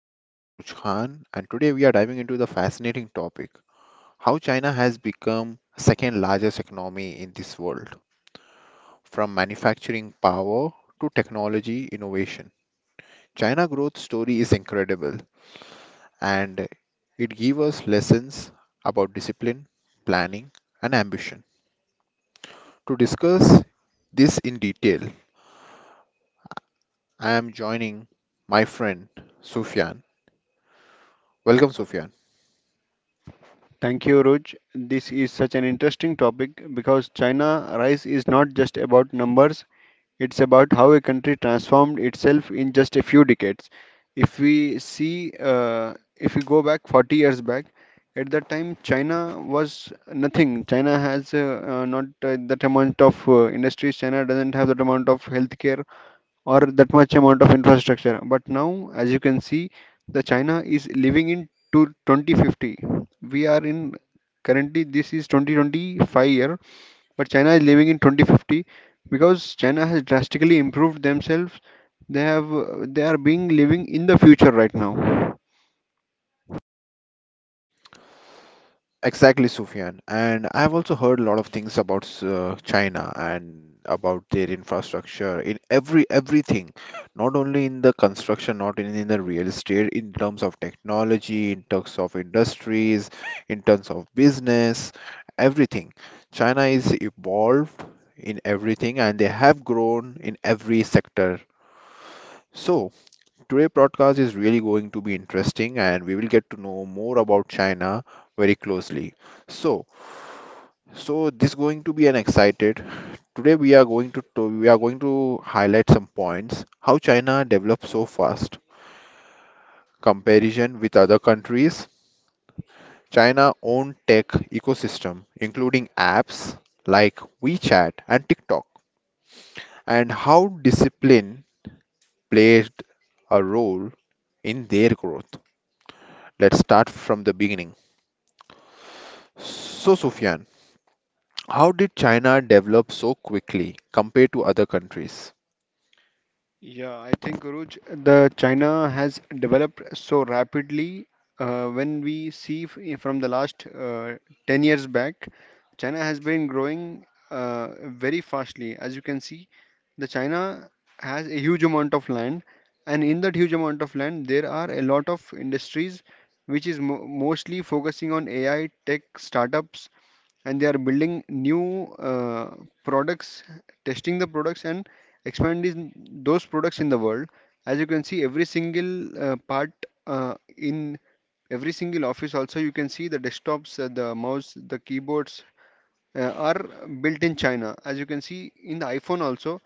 your host Uruj Khan and today we are diving into the fascinating topic how China has become second largest economy in this world, from manufacturing power to technology innovation. China growth story is incredible and it gives us lessons about discipline, planning and ambition. To discuss this in detail, I am joining my friend Sufyan. Welcome Sufyan. Thank you, Ruj. This is such an interesting topic because China rise is not just about numbers, it's about how a country transformed itself in just a few decades. If we see, if we go back 40 years back, at that time China was nothing. China has not that amount of industries, China doesn't have that amount of healthcare or that much amount of infrastructure. But now, as you can see, the China is living in to 2050. We are in currently this is 2025 year, but China is living in 2050 because China has drastically improved themselves. They are being living in the future right now. Exactly, Sufyan. And I've also heard a lot of things about China and about their infrastructure in everything, not only in the construction, not only in the real estate, in terms of technology, in terms of industries, in terms of business, everything. China is evolved in everything and they have grown in every sector. So, today broadcast is really going to be interesting and we will get to know more about China very closely. So, so, this going to be an excited. Today we are going to we are going to highlight some points how China developed so fast comparison with other countries. China own tech ecosystem including apps like WeChat and TikTok, and how discipline played a role in their growth. Let's start from the beginning. So Sufyan, how did China develop so quickly compared to other countries? Yeah, I think Guruj, the China has developed so rapidly. When we see from the last 10 years back, China has been growing very fastly. As you can see, the China has a huge amount of land, and in that huge amount of land, there are a lot of industries which is mo mostly focusing on AI, tech, startups, and they are building new products, testing the products and expanding those products in the world. As you can see, every single part in every single office also you can see the desktops, the mouse, the keyboards are built in China. As you can see in the iPhone also,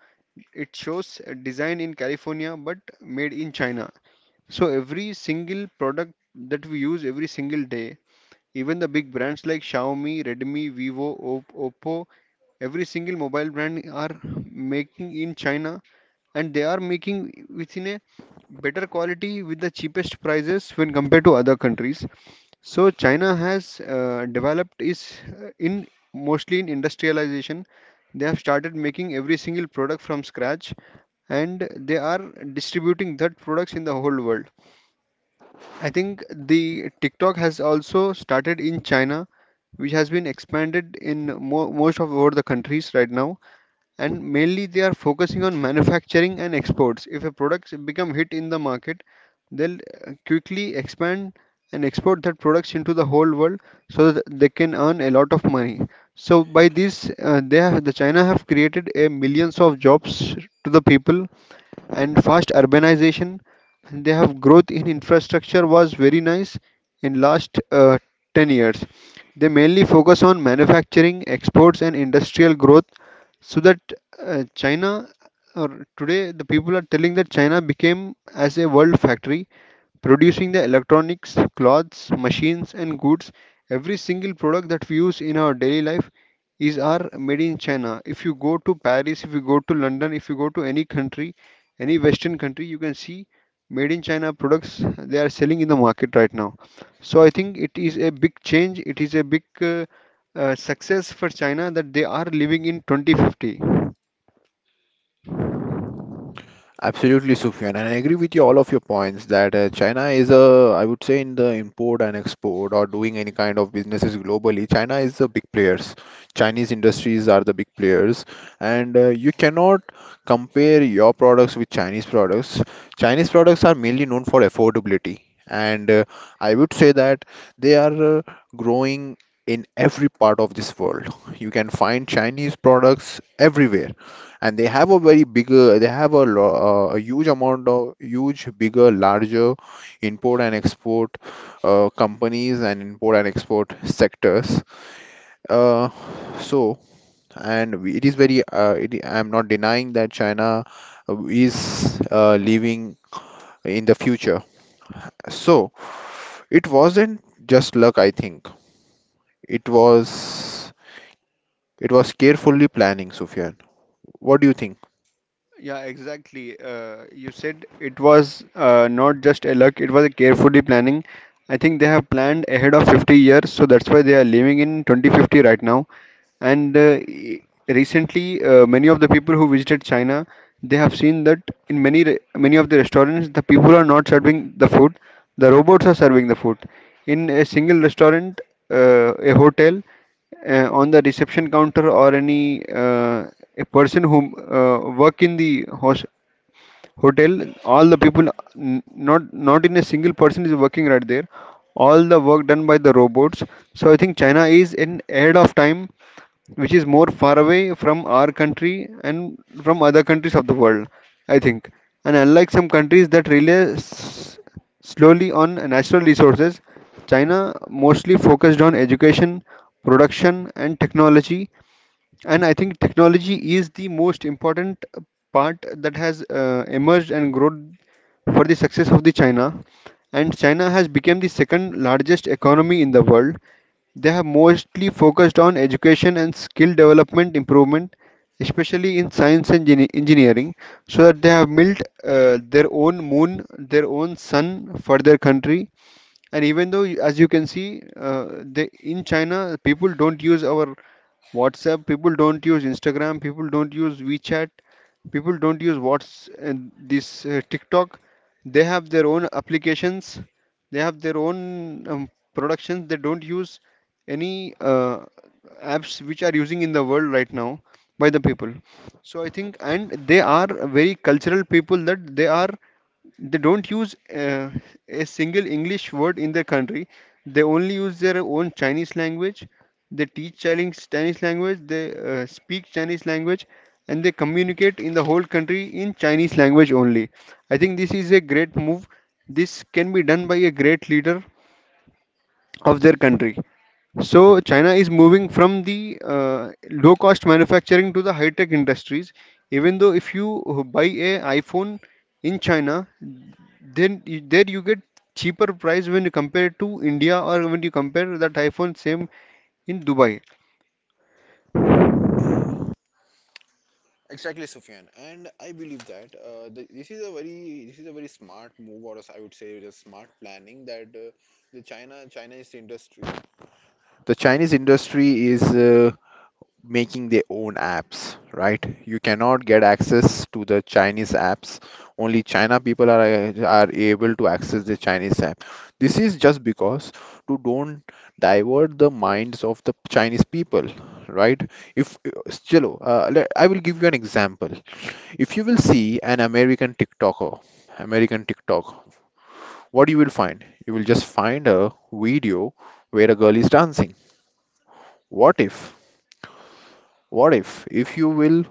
it shows design in California but made in China. So every single product that we use every single day even the big brands like Xiaomi, Redmi, Vivo, Oppo, every single mobile brand are making in China and they are making within a better quality with the cheapest prices when compared to other countries. So China has developed is in mostly in industrialization. They have started making every single product from scratch and they are distributing that products in the whole world. I think the TikTok has also started in China, which has been expanded in mo most of over the countries right now. And mainly they are focusing on manufacturing and exports. If a product become hit in the market, they'll quickly expand and export that products into the whole world so that they can earn a lot of money. So by this, the China have created a millions of jobs to the people and fast urbanization and they have growth in infrastructure was very nice in last 10 years they mainly focus on manufacturing exports and industrial growth so that china or today the people are telling that china became as a world factory producing the electronics, clothes, machines, and goods. Every single product that we use in our daily life is our made in China. If you go to Paris, if you go to London, if you go to any country, any Western country, you can see made in China products they are selling in the market right now. So I think it is a big change. It is a big success for China that they are living in 2050. Absolutely, Sufyan, and I agree with you all of your points that China is a, I would say, in the import and export or doing any kind of businesses globally, China is the big players. Chinese industries are the big players, and you cannot compare your products with Chinese products. Chinese products are mainly known for affordability, and I would say that they are growing in every part of this world. You can find Chinese products everywhere, and they have a very bigger they have a, a huge amount of huge bigger larger import and export companies and import and export sectors, uh, so it is very it, I'm not denying that China is leaving in the future, so it wasn't just luck, I think it was it was carefully planning, Sufyan. What do you think? Yeah, exactly. You said it was not just a luck, it was a carefully planning. I think they have planned ahead of 50 years, so that's why they are living in 2050 right now. And recently, many of the people who visited China, they have seen that in many many of the restaurants, the people are not serving the food, the robots are serving the food. In a single restaurant, a hotel, on the reception counter or any a person who work in the host hotel all the people not in a single person is working right there all the work done by the robots. So I think china is in ahead of time which is more far away from our country and from other countries of the world I think. And unlike some countries that rely s- slowly on natural resources, china mostly focused on education production and technology, and I think technology is the most important part that has emerged and grown for the success of the China. And China has become the second largest economy in the world. They have mostly focused on education and skill development improvement, especially in science and engineering, so that they have built their own moon, their own sun for their country, and even though, as you can see, in China, people don't use our WhatsApp, people don't use Instagram, people don't use WeChat, people don't use Whats and this TikTok. They have their own applications, they have their own productions. They don't use any apps which are using in the world right now by the people. So I think, and they are very cultural people that they don't use a single English word in their country. They only use their own Chinese language. They teach Chinese language. They speak Chinese language, and they communicate in the whole country in Chinese language only. I think this is a great move. This can be done by a great leader of their country. So China is moving from the low cost manufacturing to the high tech industries. Even though if you buy a iPhone in China, then there you get cheaper price when you compare to India or when you compare that iPhone same in Dubai. Exactly, Sufyan, and I believe that this is a very smart move, or as I would say, the smart planning that the China Chinese industry, the Chinese industry is making their own apps, right? You cannot get access to the Chinese apps. Only China people are able to access the Chinese app. This is just because to don't divert the minds of the Chinese people, right? If I will give you an example. If you will see an American TikToker, American TikTok, what you will find? You will just find a video where a girl is dancing. What if? What if? If you will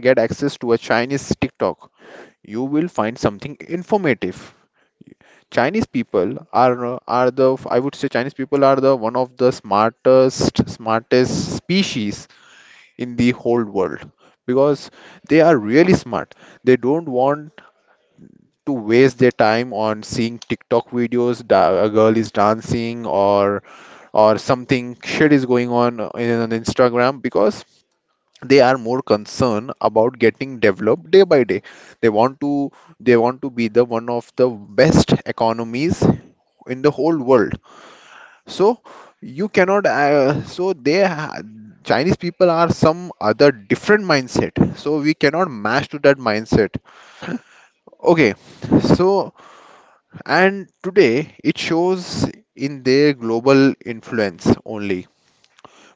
get access to a Chinese TikTok, you will find something informative. Chinese people are the one of the smartest species in the whole world because they are really smart. They don't want to waste their time on seeing TikTok videos. A girl is dancing, or something shit is going on on Instagram because they are more concerned about getting developed day by day. They want to they want to be the one of the best economies in the whole world. So you cannot. Chinese people are some other different mindset. So we cannot match to that mindset. Okay, so and today it shows in their global influence only.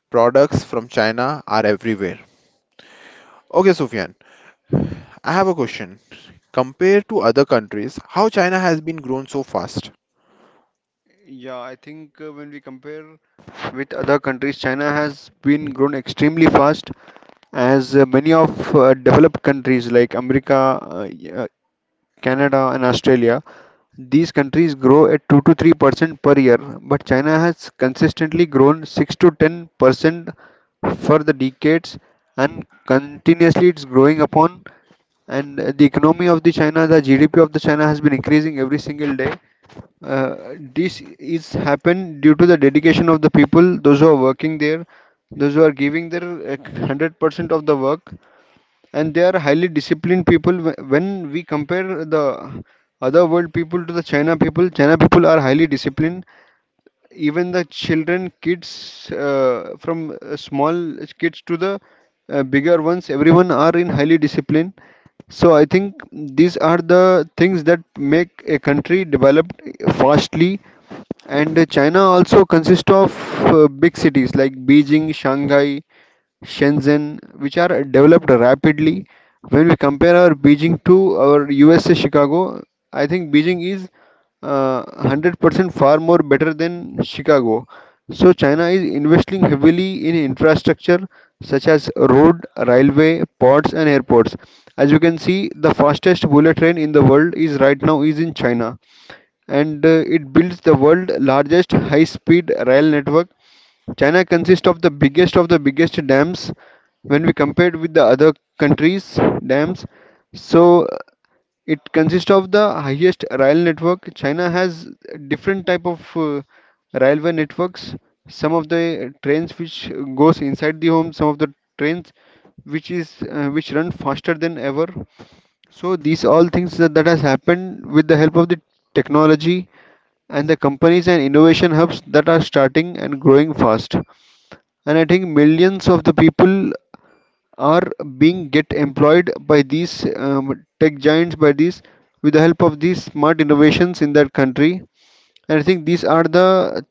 Products from China are everywhere. Okay, Sufyan, I have a question. Compared to other countries, how China has been grown so fast? Yeah, I think when we compare with other countries, China has been grown extremely fast as many of developed countries like America, uh, Canada, and Australia. These countries grow at 2 to 3% per year, but China has consistently grown 6 to 10% for the decades and continuously it's growing upon. And the economy of the China, the GDP of the China has been increasing every single day. This is happened due to the dedication of the people, those who are working there, those who are giving their 100% of the work, and they are highly disciplined people. When we compare the other world people to the china people, china people are highly disciplined, even the children kids from small kids to the bigger ones everyone are in highly disciplined. So I think these are the things that make a country developed fastly, and china also consists of big cities like beijing shanghai Shenzhen, which are developed rapidly. When we compare our Beijing to our USA Chicago, I think Beijing is 100% far more better than Chicago. So China is investing heavily in infrastructure such as road, railway, ports and airports. As you can see, the fastest bullet train in the world is right now is in China, and it builds the world largest high speed rail network. China consists of the biggest dams when we compared with the other countries' dams. So it consists of the highest rail network. China has different type of railway networks. Some of the trains which goes inside the home, some of the trains which is which run faster than ever. So these all things that has happened with the help of the technology and the companies and innovation hubs that are starting and growing fast, and I think millions of the people are being get employed by these tech giants by these with the help of these smart innovations in that country. And I think these are the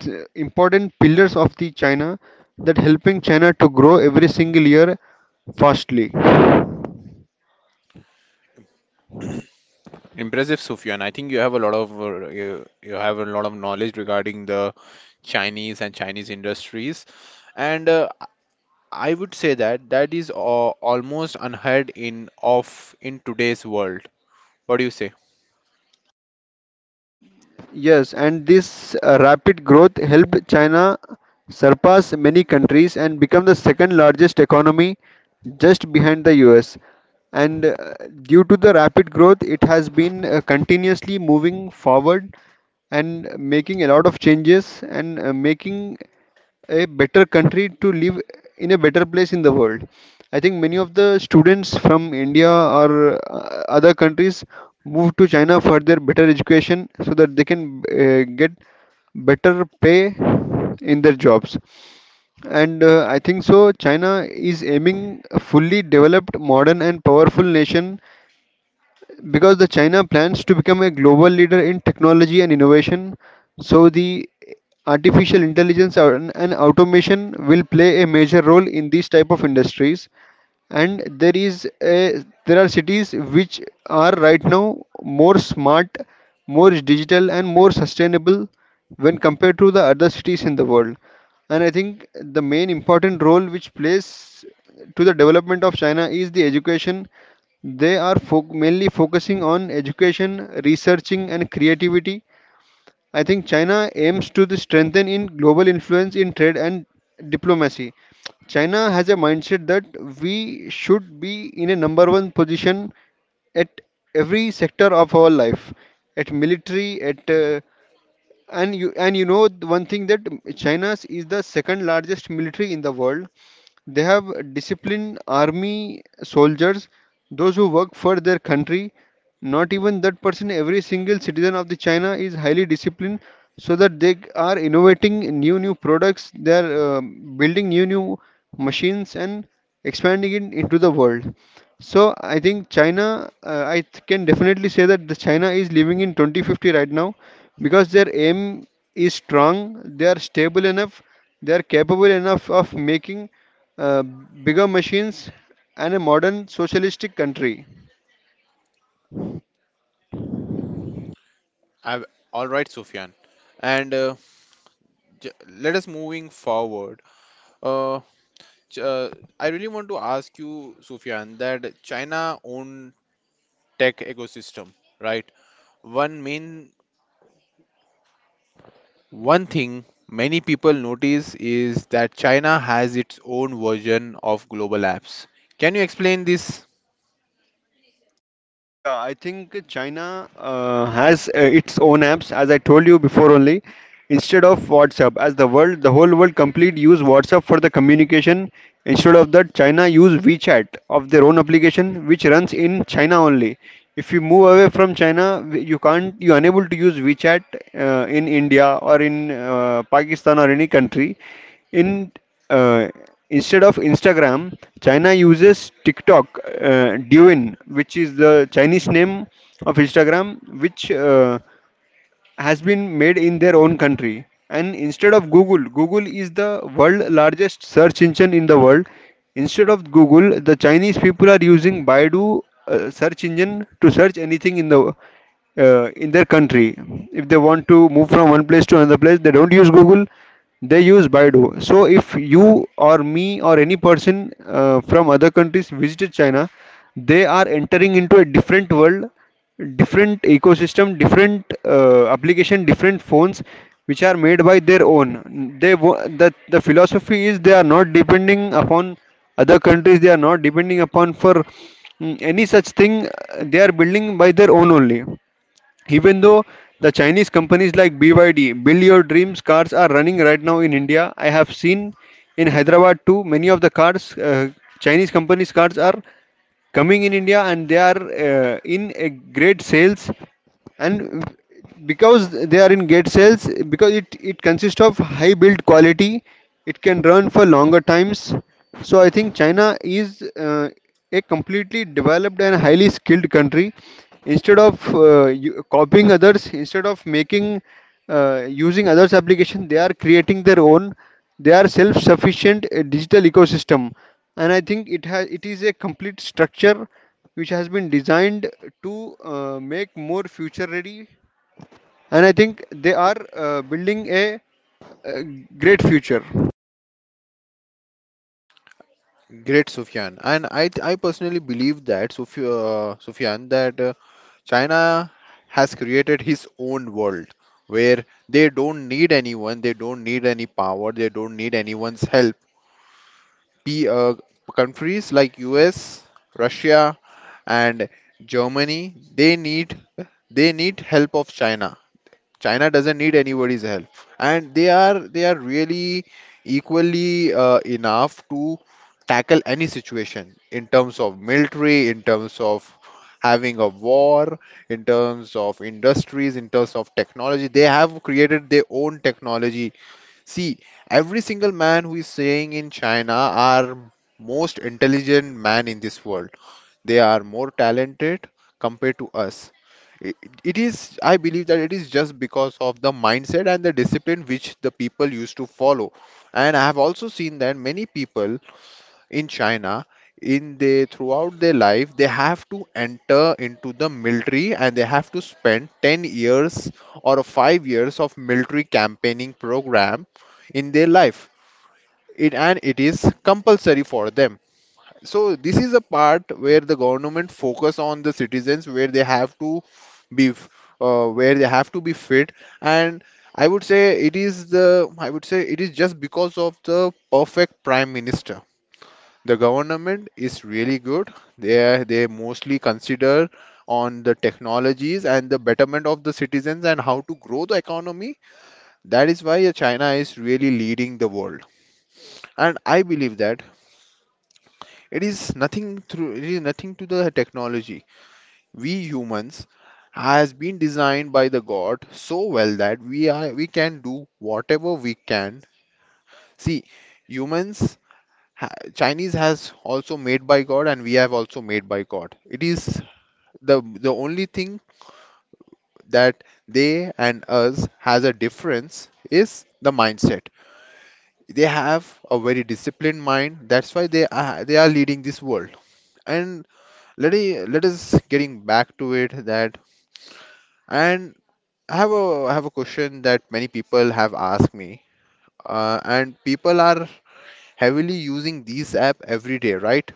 important pillars of the China that helping China to grow every single year fastly. Impressive, Sufyan. I think you have a lot of you have a lot of knowledge regarding the Chinese and Chinese industries, and I would say that that is almost unheard in of in today's world. What do you say? Yes, and this rapid growth helped China surpass many countries and become the second largest economy just behind the US. And due to the rapid growth, it has been continuously moving forward and making a lot of changes and making a better country to live in a better place in the world. I think many of the students from India or other countries move to China for their better education so that they can get better pay in their jobs. And I think so, China is aiming a fully developed, modern, and powerful nation because the China plans to become a global leader in technology and innovation, so the artificial intelligence and automation will play a major role in these type of industries, and there are cities which are right now more smart, more digital and more sustainable when compared to the other cities in the world. And I think the main important role which plays to the development of china is the education. They are mainly focusing on education researching and creativity. I think China aims to the strengthen in global influence in trade and diplomacy. China has a mindset that we should be in a number one position at every sector of our life, at military, at and you know the one thing that China's is the second largest military in the world. They have disciplined army soldiers, those who work for their country. Not even that person, every single citizen of the China is highly disciplined, so that they are innovating new products. They are building new machines and expanding it into the world. So I think China, can definitely say that the China is living in 2050 right now because their aim is strong, they are stable enough, they are capable enough of making uh, bigger machines, and a modern socialistic country. I, all right, Sufyan. And let us moving forward. Uh, ch- uh, I really want to ask you, Sufyan, that China own tech ecosystem, right? One main One thing many people notice is that China has its own version of global apps. Can you explain this? Yeah, I think China has its own apps, as I told you before only, instead of WhatsApp. As the world, the whole world complete use WhatsApp for the communication. Instead of that, China use WeChat of their own application, which runs in China only. If you move away from China, you can't, you unable to use WeChat in India or in Pakistan or any country. In Uh, Instead of Instagram, China uses TikTok, Douyin, which is the Chinese name of Instagram, which has been made in their own country. And instead of Google, Google is the world largest search engine in the world. Instead of Google, the Chinese people are using Baidu search engine to search anything in the in their country. If they want to move from one place to another place, they don't use Google, they use Baidu. So if you or me or any person from other countries visited China, they are entering into a different world, different ecosystem, different application, different phones which are made by their own. The philosophy is they are not depending upon other countries, they are not depending upon for any such thing, they are building by their own only. Even though the Chinese companies like BYD, Build Your Dreams cars are running right now in India, I have seen in Hyderabad too, many of the cars, Chinese companies' cars are coming in India and they are in a great sales, and because they are in great sales because it consists of high build quality, it can run for longer times. So I think China is a completely developed and highly skilled country, instead of copying others, instead of making using others application, they are creating their own. They are self sufficient digital ecosystem, and I think it is a complete structure which has been designed to make more future ready. And I think they are building uh great future. Great, Sufyan. And I personally believe that, Sufyan, that China has created his own world where they don't need anyone, they don't need any power, they don't need anyone's help. P, uh, Countries like US, Russia, and Germany, they need help of China. China doesn't need anybody's help, and they are really equally enough to tackle any situation in terms of military, in terms of having a war, in terms of industries, in terms of technology. They have created their own technology. See, every single man who is saying in China are most intelligent man in this world. They are more talented compared to us. It, it is, I believe that it is just because of the mindset and the discipline which the people used to follow. And I have also seen that many people in China, in they throughout their life, they have to enter into the military and they have to spend 10 years or 5 years of military campaigning program in their life. It and it is compulsory for them. So this is a part where the government focus on the citizens where they have to be where they have to be fit. And I would say it is the, I would say it is just because of the perfect prime minister, the government is really good. They mostly consider on the technologies and the betterment of the citizens and how to grow the economy. That is why China is really leading the world. And I believe that it is nothing through it is nothing to the technology. We humans has been designed by the God so well that we can do whatever we can. See, humans Chinese has also made by God and we have also made by God. It is the only thing that they and us has a difference is the mindset. They have a very disciplined mind, that's why they are leading this world. And let us getting back to it that and I have a question that many people have asked me, and people are heavily using these app every day, right?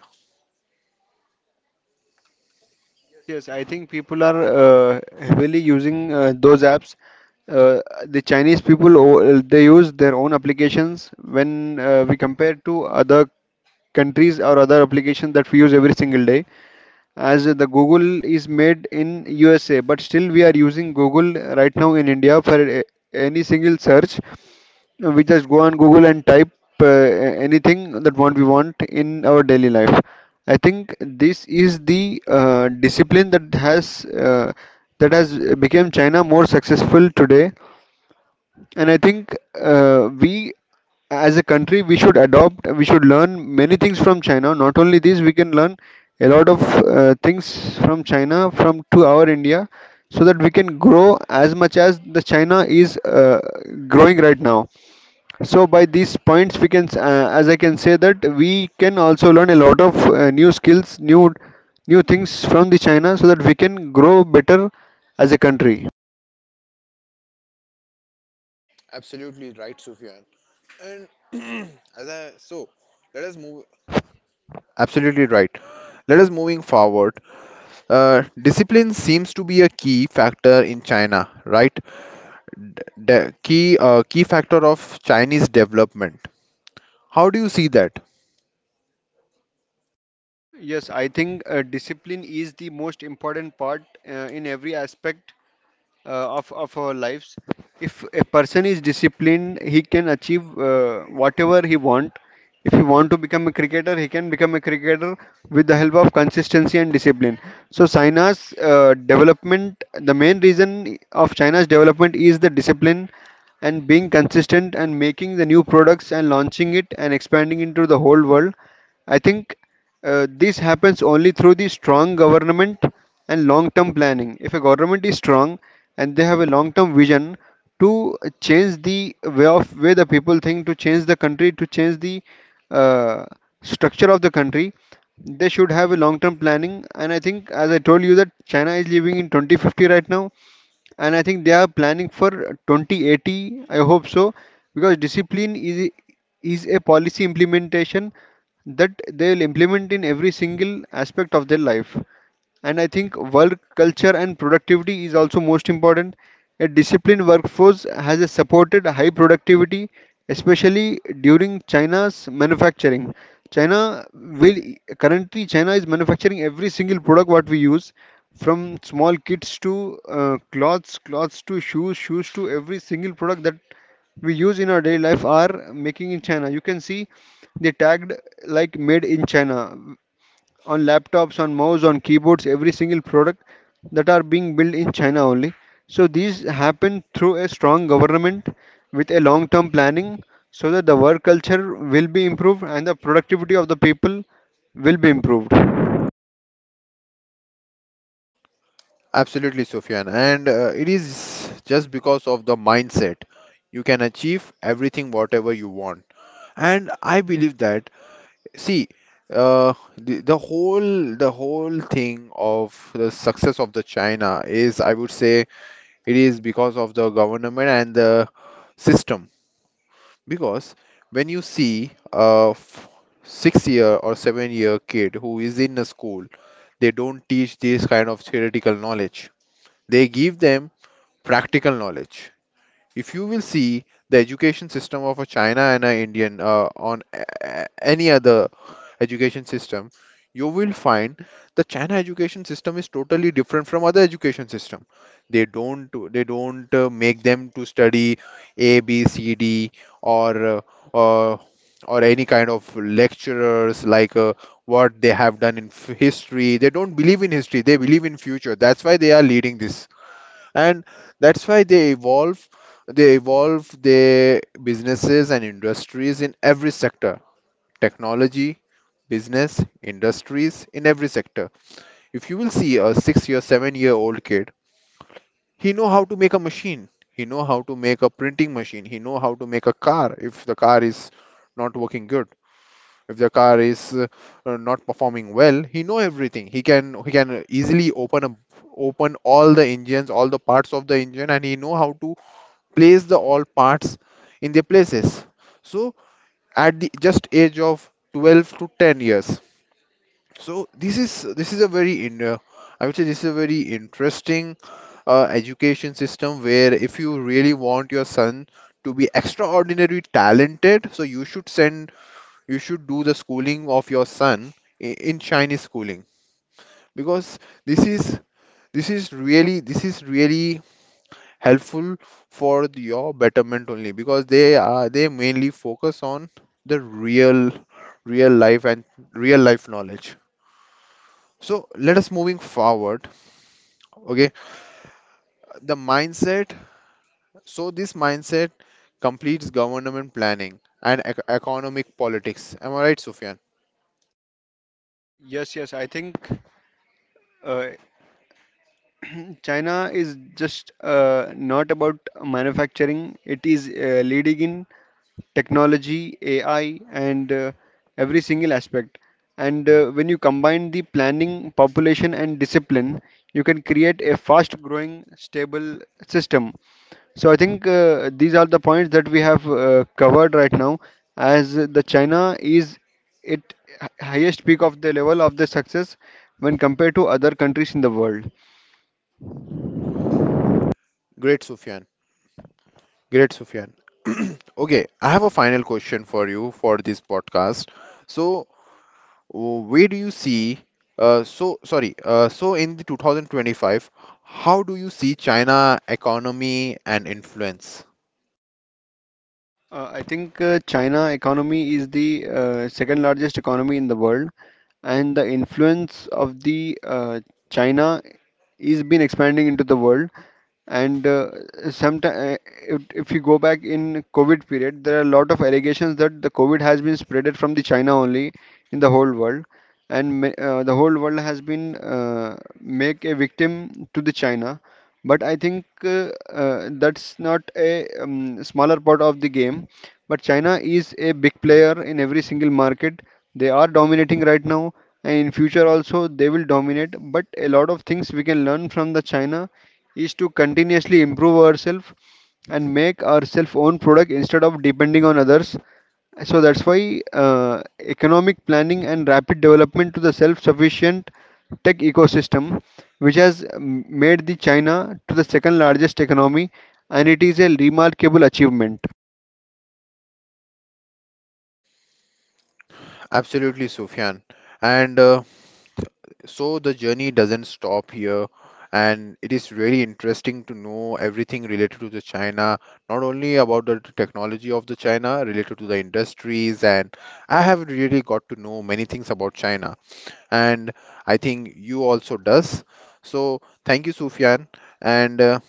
Yes, I think people are heavily using those apps. uh, the Chinese people they use their own applications when we compare to other countries or other applications that we use every single day. As the Google is made in USA, but still we are using Google right now in India for any single search. We just go on Google and type anything that what we want in our daily life. I think this is the discipline that has become China more successful today. And I think uh, we, as a country, we should adopt, we should learn many things from China. Not only this, we can learn a lot of things from China, from to our India, so that we can grow as much as the China is growing right now. So by these points, we can, as I can say that we can also learn a lot of new skills, new things from the China, so that we can grow better as a country. Absolutely right, Sufyan. And as I so let us move absolutely right, let us moving forward. Discipline seems to be a key factor in China, right? The key factor of Chinese development. How do you see that? Yes, I think discipline is the most important part in every aspect of our lives. If a person is disciplined, he can achieve whatever he want. If he want to become a cricketer, he can become a cricketer with the help of consistency and discipline. So China's development, the main reason of China's development is the discipline and being consistent and making the new products and launching it and expanding into the whole world. I think this happens only through the strong government and long term planning. If a government is strong and they have a long term vision to change the way of way the people think, to change the country, to change the uh, structure of the country, they should have a long term planning. And I think, as I told you, that China is living in 2050 right now and I think they are planning for 2080. I hope so, because discipline is a policy implementation that they'll implement in every single aspect of their life. And I think work culture and productivity is also most important. A disciplined workforce has a supported high productivity, especially during China's manufacturing. China will Currently China is manufacturing every single product what we use, from small kits to clothes, clothes to shoes, shoes to every single product that we use in our daily life are making in China. You can see they tagged like made in China on laptops, on mouse, on keyboards, every single product that are being built in China only. So these happen through a strong government with a long-term planning, so that the work culture will be improved and the productivity of the people will be improved. Absolutely, Sufyan. And it is just because of the mindset. You can achieve everything whatever you want. And I believe that, see, the whole thing of the success of the China is, I would say, it is because of the government and the system. Because when you see a 6 year or 7 year kid who is in a school, they don't teach this kind of theoretical knowledge. They give them practical knowledge. If you will see the education system of a China and a Indian any other education system, you will find the China education system is totally different from other education system. They don't make them to study A, B, C, D or uh, uh, or any kind of lecturers like what they have done in history. They don't believe in history. They believe in future. That's why they are leading this, and that's why they evolve their businesses and industries in every sector, technology, business, industries in every sector. If you will see a 6 year 7-year-old kid, he know how to make a machine, he know how to make a printing machine, he know how to make a car. If the car is not working good, if the car is not performing well, he know everything. He can easily open a, open all the engines, all the parts of the engine, and he know how to place the all parts in their places. So at the just age of 12 to 10 years. So this is a very in I would say this is a very interesting education system, where if you really want your son to be extraordinarily talented, so you should do the schooling of your son in Chinese schooling, because this is this is really helpful for your betterment only, because they mainly focus on the real life and real life knowledge. So let us moving forward. Okay, the mindset. So this mindset completes government planning and economic politics, am I right, Sufyan? Yes, I think uh, China is just not about manufacturing, it is leading in technology, AI, and every single aspect. And when you combine the planning, population, and discipline, you can create a fast growing, stable system. So I think these are the points that we have covered right now, as the China is at highest peak of the level of the success when compared to other countries in the world. Great sufyan great Sufyan. Okay, I have a final question for you for this podcast. So where do you see so sorry so in the 2025, how do you see China economy and influence? I think China economy is the second largest economy in the world, and the influence of the China is been expanding into the world. And sometime, if you go back in COVID period, there are a lot of allegations that the COVID has been spreaded from the China only in the whole world, and the whole world has been make a victim to the China. But I think that's not a smaller part of the game. But China is a big player in every single market. They are dominating right now, and in future also they will dominate. But a lot of things we can learn from the China is to continuously improve ourselves and make our self own product instead of depending on others. So that's why economic planning and rapid development to the self-sufficient tech ecosystem, which has made the China to the second largest economy, and it is a remarkable achievement. Absolutely, Sufyan. And so the journey doesn't stop here. And it is really interesting to know everything related to the China, not only about the technology of the China, related to the industries. And I have really got to know many things about China. And I think you also does. So thank you, Sufyan, and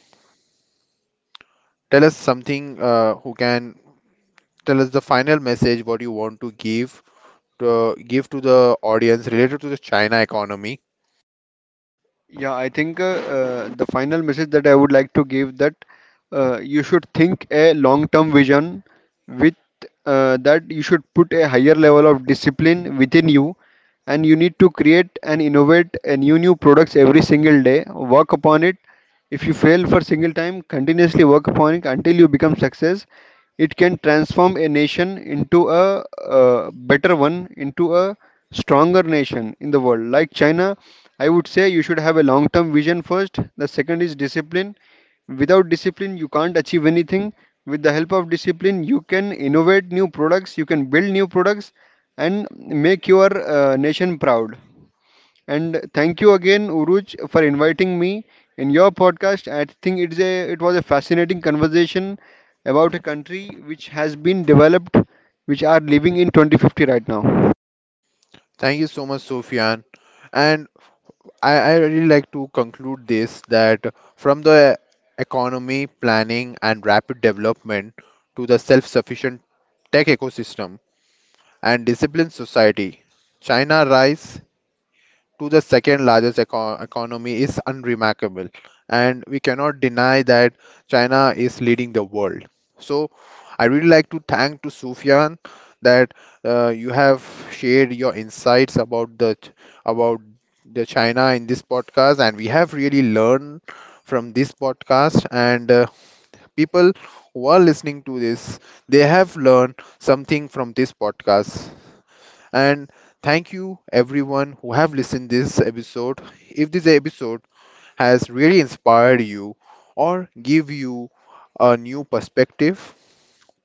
tell us something. Who can tell us the final message? What you want to give to the audience related to the China economy? Yeah, I think the final message that I would like to give that you should think a long-term vision with that you should put a higher level of discipline within you, and you need to create and innovate a new products every single day. Work upon it. If you fail for single time, continuously work upon it until you become success. It can transform a nation into a better one, into a stronger nation in the world. Like China, I would say you should have a long term vision first. The second is discipline. Without discipline, you can't achieve anything. With the help of discipline, you can innovate new products, you can build new products, and make your nation proud. And thank you again, Uruj, for inviting me in your podcast. I think it was a fascinating conversation about a country which has been developed, which are living in 2050 right now. Thank you so much, Sufyan. And I really like to conclude this that from the economy planning and rapid development to the self-sufficient tech ecosystem and disciplined society, China rise to the second largest economy is unremarkable. And we cannot deny that China is leading the world. So I really like to thank to Sufyan that you have shared your insights about the ch- about the China in this podcast, and we have really learned from this podcast. And people who are listening to this, they have learned something from this podcast, and thank you everyone who have listened this episode. If this episode has really inspired you or give you a new perspective,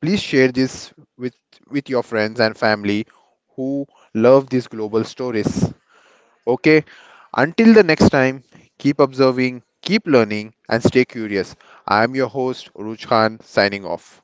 please share this with your friends and family who love these global stories. Okay, until the next time, keep observing, keep learning, and stay curious. I am your host, Uruj Khan, signing off.